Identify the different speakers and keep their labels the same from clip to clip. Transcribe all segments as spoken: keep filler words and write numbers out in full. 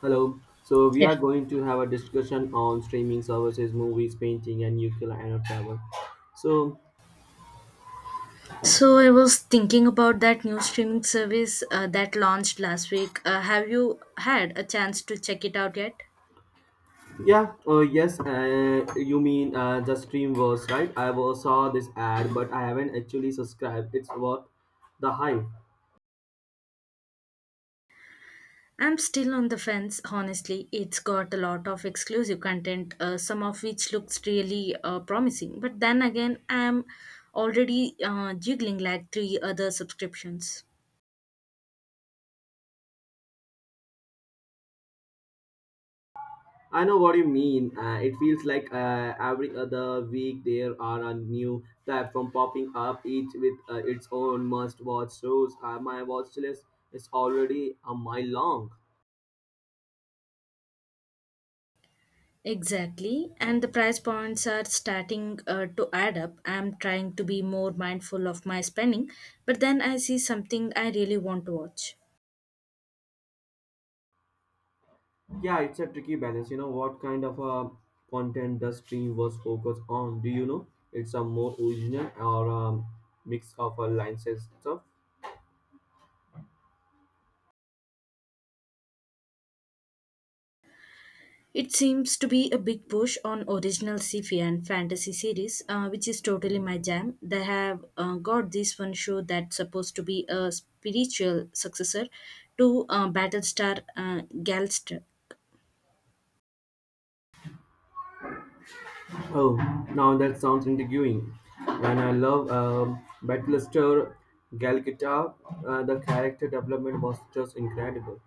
Speaker 1: Hello. So we
Speaker 2: Yeah.
Speaker 1: are going to have a discussion on streaming services, movies, painting, and nuclear and travel. So
Speaker 2: So I was thinking about that new streaming service uh, that launched last week. Uh, have you had a chance to check it out yet?
Speaker 1: yeah, uh, yes, uh, you mean uh, the Streamverse, right? I was, saw this ad, but I haven't actually subscribed. It's worth the hype.
Speaker 2: I'm still on the fence, honestly. It's got a lot of exclusive content, uh, some of which looks really uh, promising. But then again, I'm already uh, juggling like three other subscriptions.
Speaker 1: I know what you mean. Uh, it feels like uh, every other week there are a new platform popping up, each with uh, its own must-watch shows. Uh, my watch list is already a mile long.
Speaker 2: Exactly, and the price points are starting uh, to add up. I'm trying to be more mindful of my spending, but then I see something I really want to watch.
Speaker 1: Yeah, it's a tricky balance. You know, what kind of uh, content the stream was focused on? Do you know? It's a more original or um, mix of uh, licenses stuff.
Speaker 2: It seems to be a big push on original sci-fi and fantasy series, uh, which is totally my jam. They have uh, got this one show that's supposed to be a spiritual successor to uh, Battlestar uh, Galactica.
Speaker 1: Oh, now that sounds intriguing. And I love um, Battlestar Galgita. Uh, the character development was just incredible.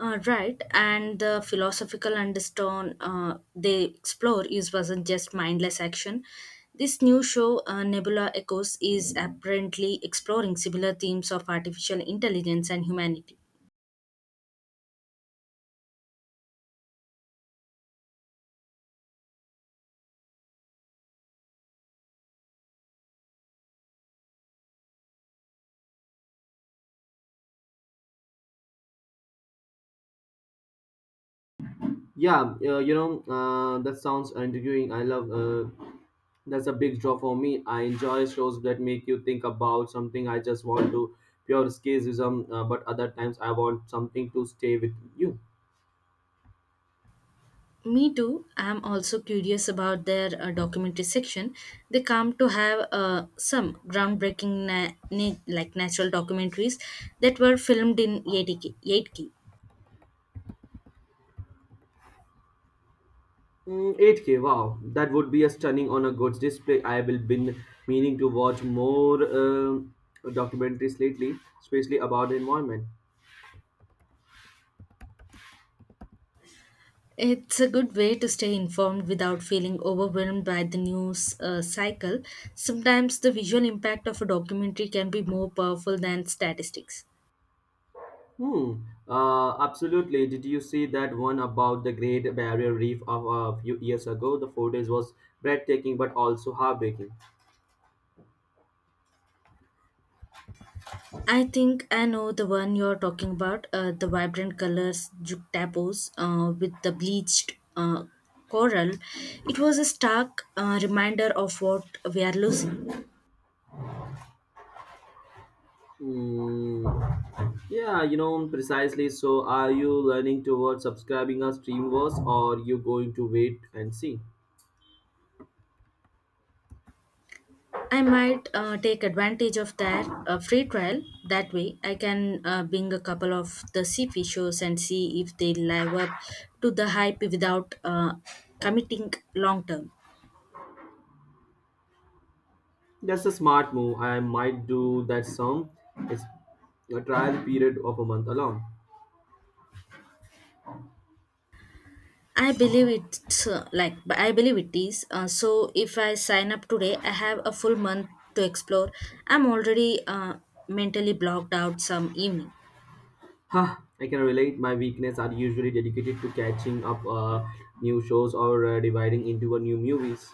Speaker 2: Uh, right, and the philosophical undertone uh, they explore is wasn't just mindless action. This new show, uh, Nebula Echoes, is apparently exploring similar themes of artificial intelligence and humanity.
Speaker 1: Yeah, uh, you know, uh, that sounds intriguing. I love uh, that's a big draw for me. I enjoy shows that make you think about something. I just want to pure escapism, uh, but other times I want something to stay with you.
Speaker 2: Me too. I'm also curious about their uh, documentary section. They come to have uh, some groundbreaking, na- na- like natural documentaries that were filmed in eight K. eight K.
Speaker 1: Mm, eight K, wow, that would be a stunning on a goods display. I will been meaning to watch more um documentaries lately, especially about the environment.
Speaker 2: It's a good way to stay informed without feeling overwhelmed by the news uh, cycle. Sometimes the visual impact of a documentary can be more powerful than statistics.
Speaker 1: Hmm. Uh, absolutely. Did you see that one about the Great Barrier Reef of a few years ago? The footage was breathtaking, but also heartbreaking.
Speaker 2: I think I know the one you're talking about, uh, the vibrant colors juxtapose uh, with the bleached uh, coral. It was a stark uh, reminder of what we are losing.
Speaker 1: Mm, yeah, you know, precisely. So, are you learning towards subscribing a Streamverse or you going to wait and see?
Speaker 2: I might uh, take advantage of that uh, free trial. That way, I can uh, bring a couple of the seafish shows and see if they live up to the hype without uh, committing long term.
Speaker 1: That's a smart move. I might do that some. It's a trial period of a month alone.
Speaker 2: I believe it's uh, like but I believe it is. Uh, so if I sign up today, I have a full month to explore. I'm already uh, mentally blocked out some evening.
Speaker 1: Huh, I can relate. My weekends are usually dedicated to catching up uh, new shows or uh, dividing into a new movies.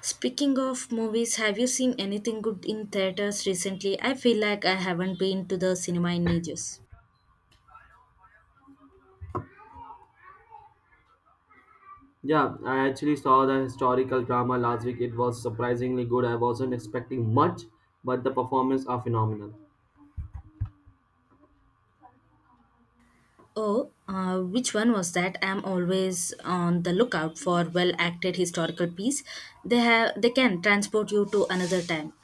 Speaker 2: Speaking of movies, have you seen anything good in theaters recently? I feel like I haven't been to the cinema in ages.
Speaker 1: Yeah, I actually saw the historical drama last week. It was surprisingly good. I wasn't expecting much, but the performances are phenomenal.
Speaker 2: Oh, uh, which one was that? I'm always on the lookout for well-acted historical piece. They have they can transport you to another time.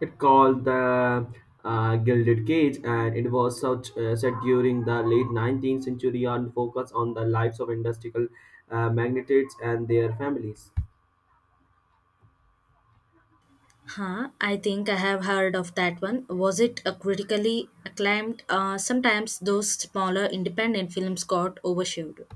Speaker 1: It called the uh, Gilded Cage, and it was such, uh, set during the late nineteenth century and focused on the lives of industrial uh, magnates and their families.
Speaker 2: Huh, I think I have heard of that one. Was it a critically acclaimed? Uh, sometimes those smaller independent films got overshadowed.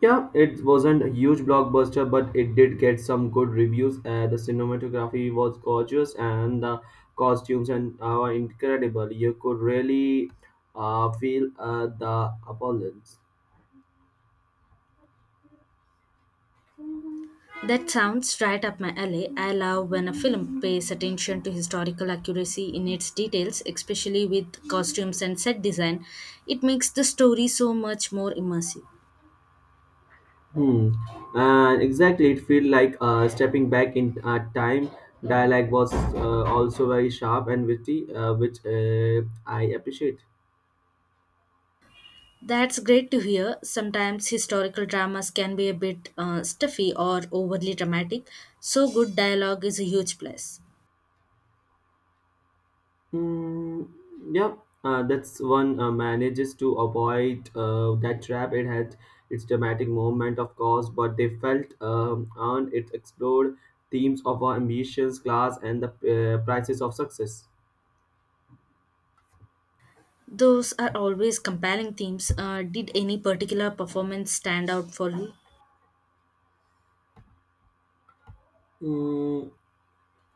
Speaker 1: Yeah, it wasn't a huge blockbuster, but it did get some good reviews. Uh, the cinematography was gorgeous, and the costumes and are incredible. You could really uh, feel uh, the opulence.
Speaker 2: That sounds right up my alley. I love when a film pays attention to historical accuracy in its details, especially with costumes and set design. It makes the story so much more immersive.
Speaker 1: Hmm. And exactly, it felt like uh, stepping back in uh, time. Dialogue was uh, also very sharp and witty, uh, which uh, I appreciate.
Speaker 2: That's great to hear. Sometimes historical dramas can be a bit uh, stuffy or overly dramatic, so good dialogue is a huge plus.
Speaker 1: Hmm, yeah, uh, that's one uh, manages to avoid uh, that trap. It had its dramatic moment, of course, but they felt um, earned. It explored themes of our ambitions, class, and the uh, prices of success.
Speaker 2: Those are always compelling themes. Uh, did any particular performance stand out for you?
Speaker 1: Hmm,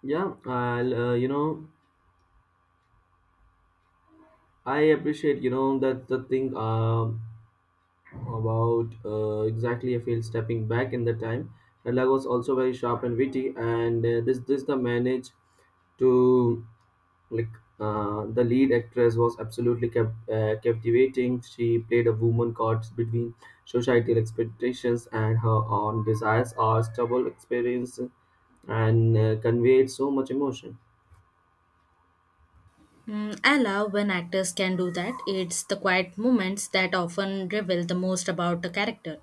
Speaker 1: yeah, I'll, uh, you know. I appreciate, you know, that's the thing um, about uh, exactly. I feel stepping back in the time. Adlag was also very sharp and witty, and uh, this this the manage to like uh, the lead actress was absolutely cap- uh, captivating. She played a woman caught between societal expectations and her own desires, or stubborn experience, and uh, conveyed so much emotion.
Speaker 2: Mm, I love when actors can do that. It's the quiet moments that often reveal the most about a character.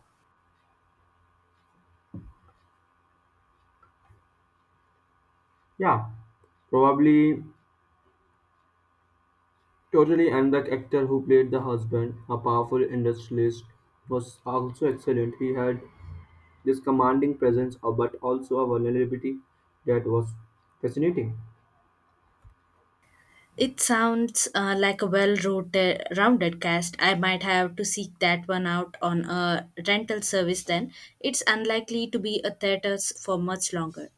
Speaker 1: Yeah, probably. Totally, and the actor who played the husband, a powerful industrialist, was also excellent. He had this commanding presence, uh, but also a vulnerability that was fascinating.
Speaker 2: It sounds uh, like a well rounded cast. I might have to seek that one out on a rental service then. It's unlikely to be a theater for much longer.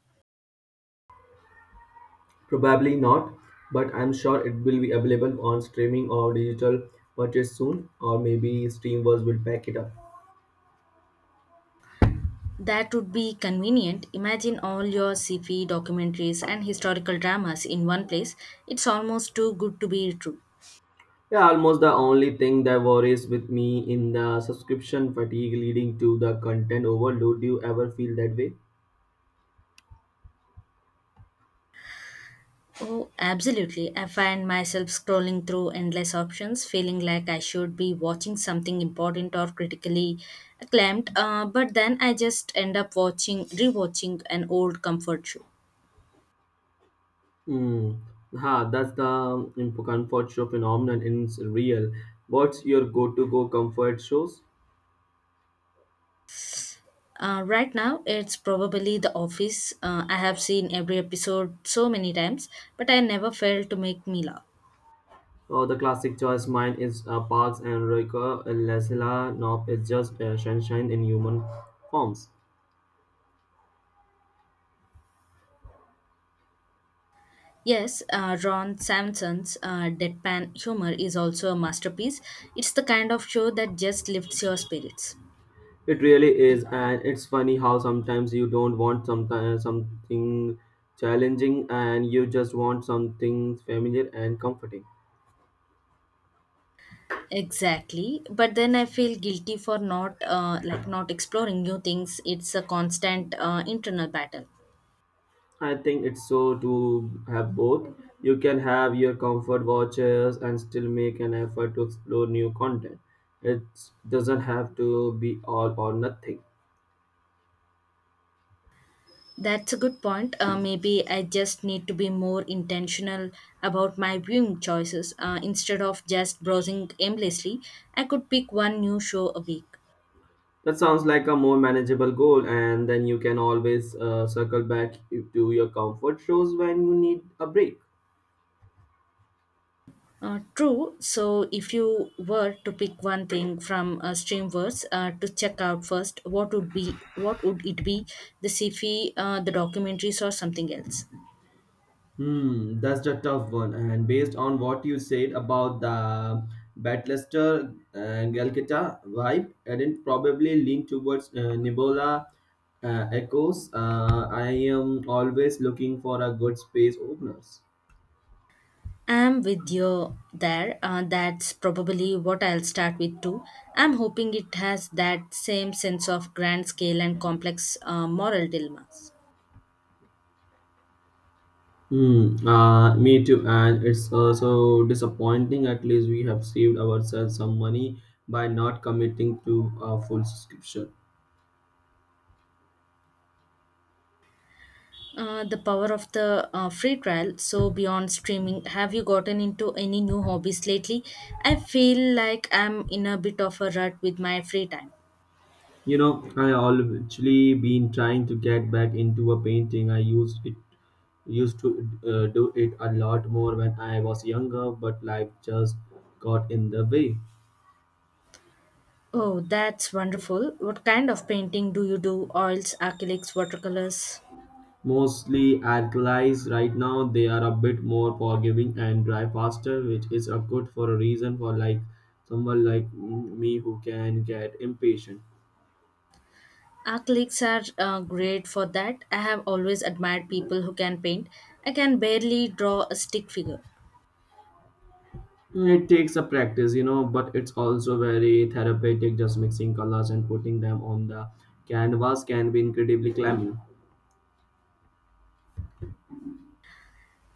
Speaker 1: Probably not, but I'm sure it will be available on streaming or digital purchase soon, or maybe Steamverse will pack it up.
Speaker 2: That would be convenient. Imagine all your sci-fi documentaries and historical dramas in one place. It's almost too good to be true.
Speaker 1: Yeah, almost the only thing that worries with me in the subscription fatigue leading to the content overload. Do you ever feel that way?
Speaker 2: Oh, absolutely. I find myself scrolling through endless options, feeling like I should be watching something important or critically acclaimed, uh, but then I just end up watching, rewatching an old comfort show.
Speaker 1: Mm, ha, that's the imp- comfort show phenomenon in s- real. What's your go-to go comfort shows?
Speaker 2: Uh, right now, it's probably The Office. Uh, I have seen every episode so many times, but I never failed to make me laugh.
Speaker 1: Oh, the classic choice mine is uh, Parks and Rico. Lesla Knope is just uh, sunshine in human forms.
Speaker 2: Yes, uh, Ron Sampson's uh, deadpan humor is also a masterpiece. It's the kind of show that just lifts your spirits.
Speaker 1: It really is, and it's funny how sometimes you don't want sometimes something challenging, and you just want something familiar and comforting.
Speaker 2: Exactly, but then I feel guilty for not uh, like not exploring new things. It's a constant uh, internal battle.
Speaker 1: I think it's so to have both. You can have your comfort watches and still make an effort to explore new content. It doesn't have to be all or nothing.
Speaker 2: That's a good point. Uh, maybe I just need to be more intentional about my viewing choices. Uh, instead of just browsing aimlessly, I could pick one new show a week.
Speaker 1: That sounds like a more manageable goal, and then you can always uh, circle back to your comfort shows when you need a break.
Speaker 2: Uh, true. So, if you were to pick one thing from uh, Streamverse uh, to check out first, what would be what would it be? The sci-fi, uh, the documentaries, or something else?
Speaker 1: Hmm, that's a tough one. And based on what you said about the Battlester uh, Galkata vibe, I'd probably lean towards uh, Nibola uh, Echoes. Uh, I am always looking for a good space openers.
Speaker 2: I'm with you there. Uh, that's probably what I'll start with too. I'm hoping it has that same sense of grand scale and complex uh, moral dilemmas.
Speaker 1: Hmm. Uh, me too. And it's also disappointing. At least we have saved ourselves some money by not committing to a full subscription.
Speaker 2: Uh, the power of the uh, free trial. So, beyond streaming, have you gotten into any new hobbies lately? I feel like I'm in a bit of a rut with my free time.
Speaker 1: You know, I have actually been trying to get back into a painting. I used it used to uh, do it a lot more when I was younger, but life just got in the way.
Speaker 2: Oh, that's wonderful. What kind of painting do you do? Oils, acrylics, watercolors?
Speaker 1: Mostly alkalis right now, they are a bit more forgiving and dry faster, which is a good for a reason for like someone like me who can get impatient.
Speaker 2: Acrylics are uh, great for that. I have always admired people who can paint. I can barely draw a stick figure.
Speaker 1: It takes a practice, you know, but it's also very therapeutic. Just mixing colors and putting them on the canvas can be incredibly clammy.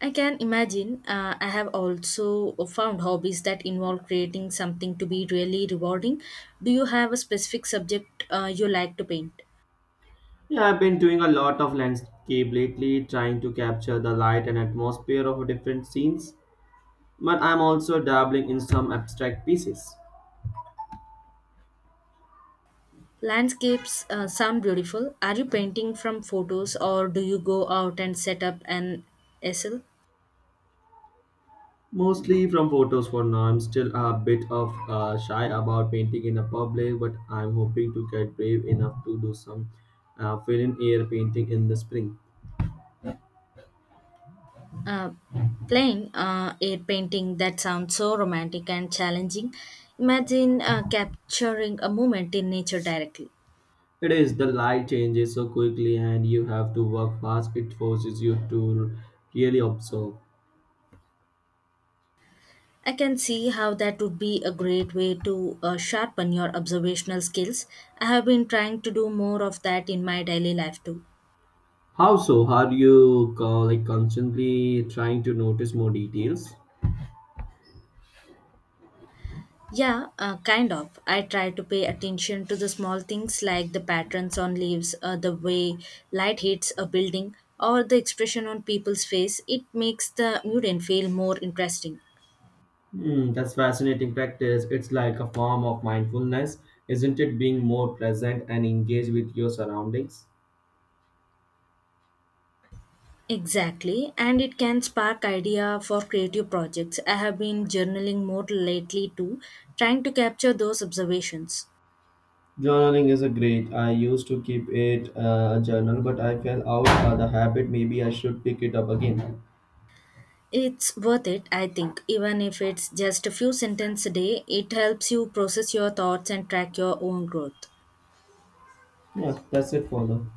Speaker 2: I can imagine. Uh, I have also found hobbies that involve creating something to be really rewarding. Do you have a specific subject uh, you like to paint?
Speaker 1: Yeah, I've been doing a lot of landscape lately, trying to capture the light and atmosphere of different scenes. But I'm also dabbling in some abstract pieces,
Speaker 2: Landscapes uh, sound beautiful. Are you painting from photos or do you go out and set up an easel?
Speaker 1: mostly from photos for now. I'm still a bit of uh, shy about painting in a public, but I'm hoping to get brave enough to do some uh, fill-in air painting in the spring.
Speaker 2: Uh, playing uh, a painting that sounds so romantic and challenging. Imagine uh, capturing a moment in nature directly.
Speaker 1: It is the light changes so quickly and you have to work fast. It forces you to really observe.
Speaker 2: I can see how that would be a great way to uh, sharpen your observational skills. I have been trying to do more of that in my daily life too.
Speaker 1: How so? How do you co- Like constantly trying to notice more details?
Speaker 2: Yeah, uh, kind of. I try to pay attention to the small things like the patterns on leaves, uh, the way light hits a building, or the expression on people's face. It makes the mutant feel more interesting.
Speaker 1: Hmm, that's fascinating practice. It's like a form of mindfulness, isn't it? Being more present and engaged with your surroundings.
Speaker 2: Exactly, and it can spark idea for creative projects. I have been journaling more lately too, trying to capture those observations.
Speaker 1: Journaling is a great. I used to keep it uh, a journal, but I fell out of the habit. Maybe I should pick it up again.
Speaker 2: It's worth it, I think. Even if it's just a few sentences a day, it helps you process your thoughts and track your own growth.
Speaker 1: Yeah, that's it for now.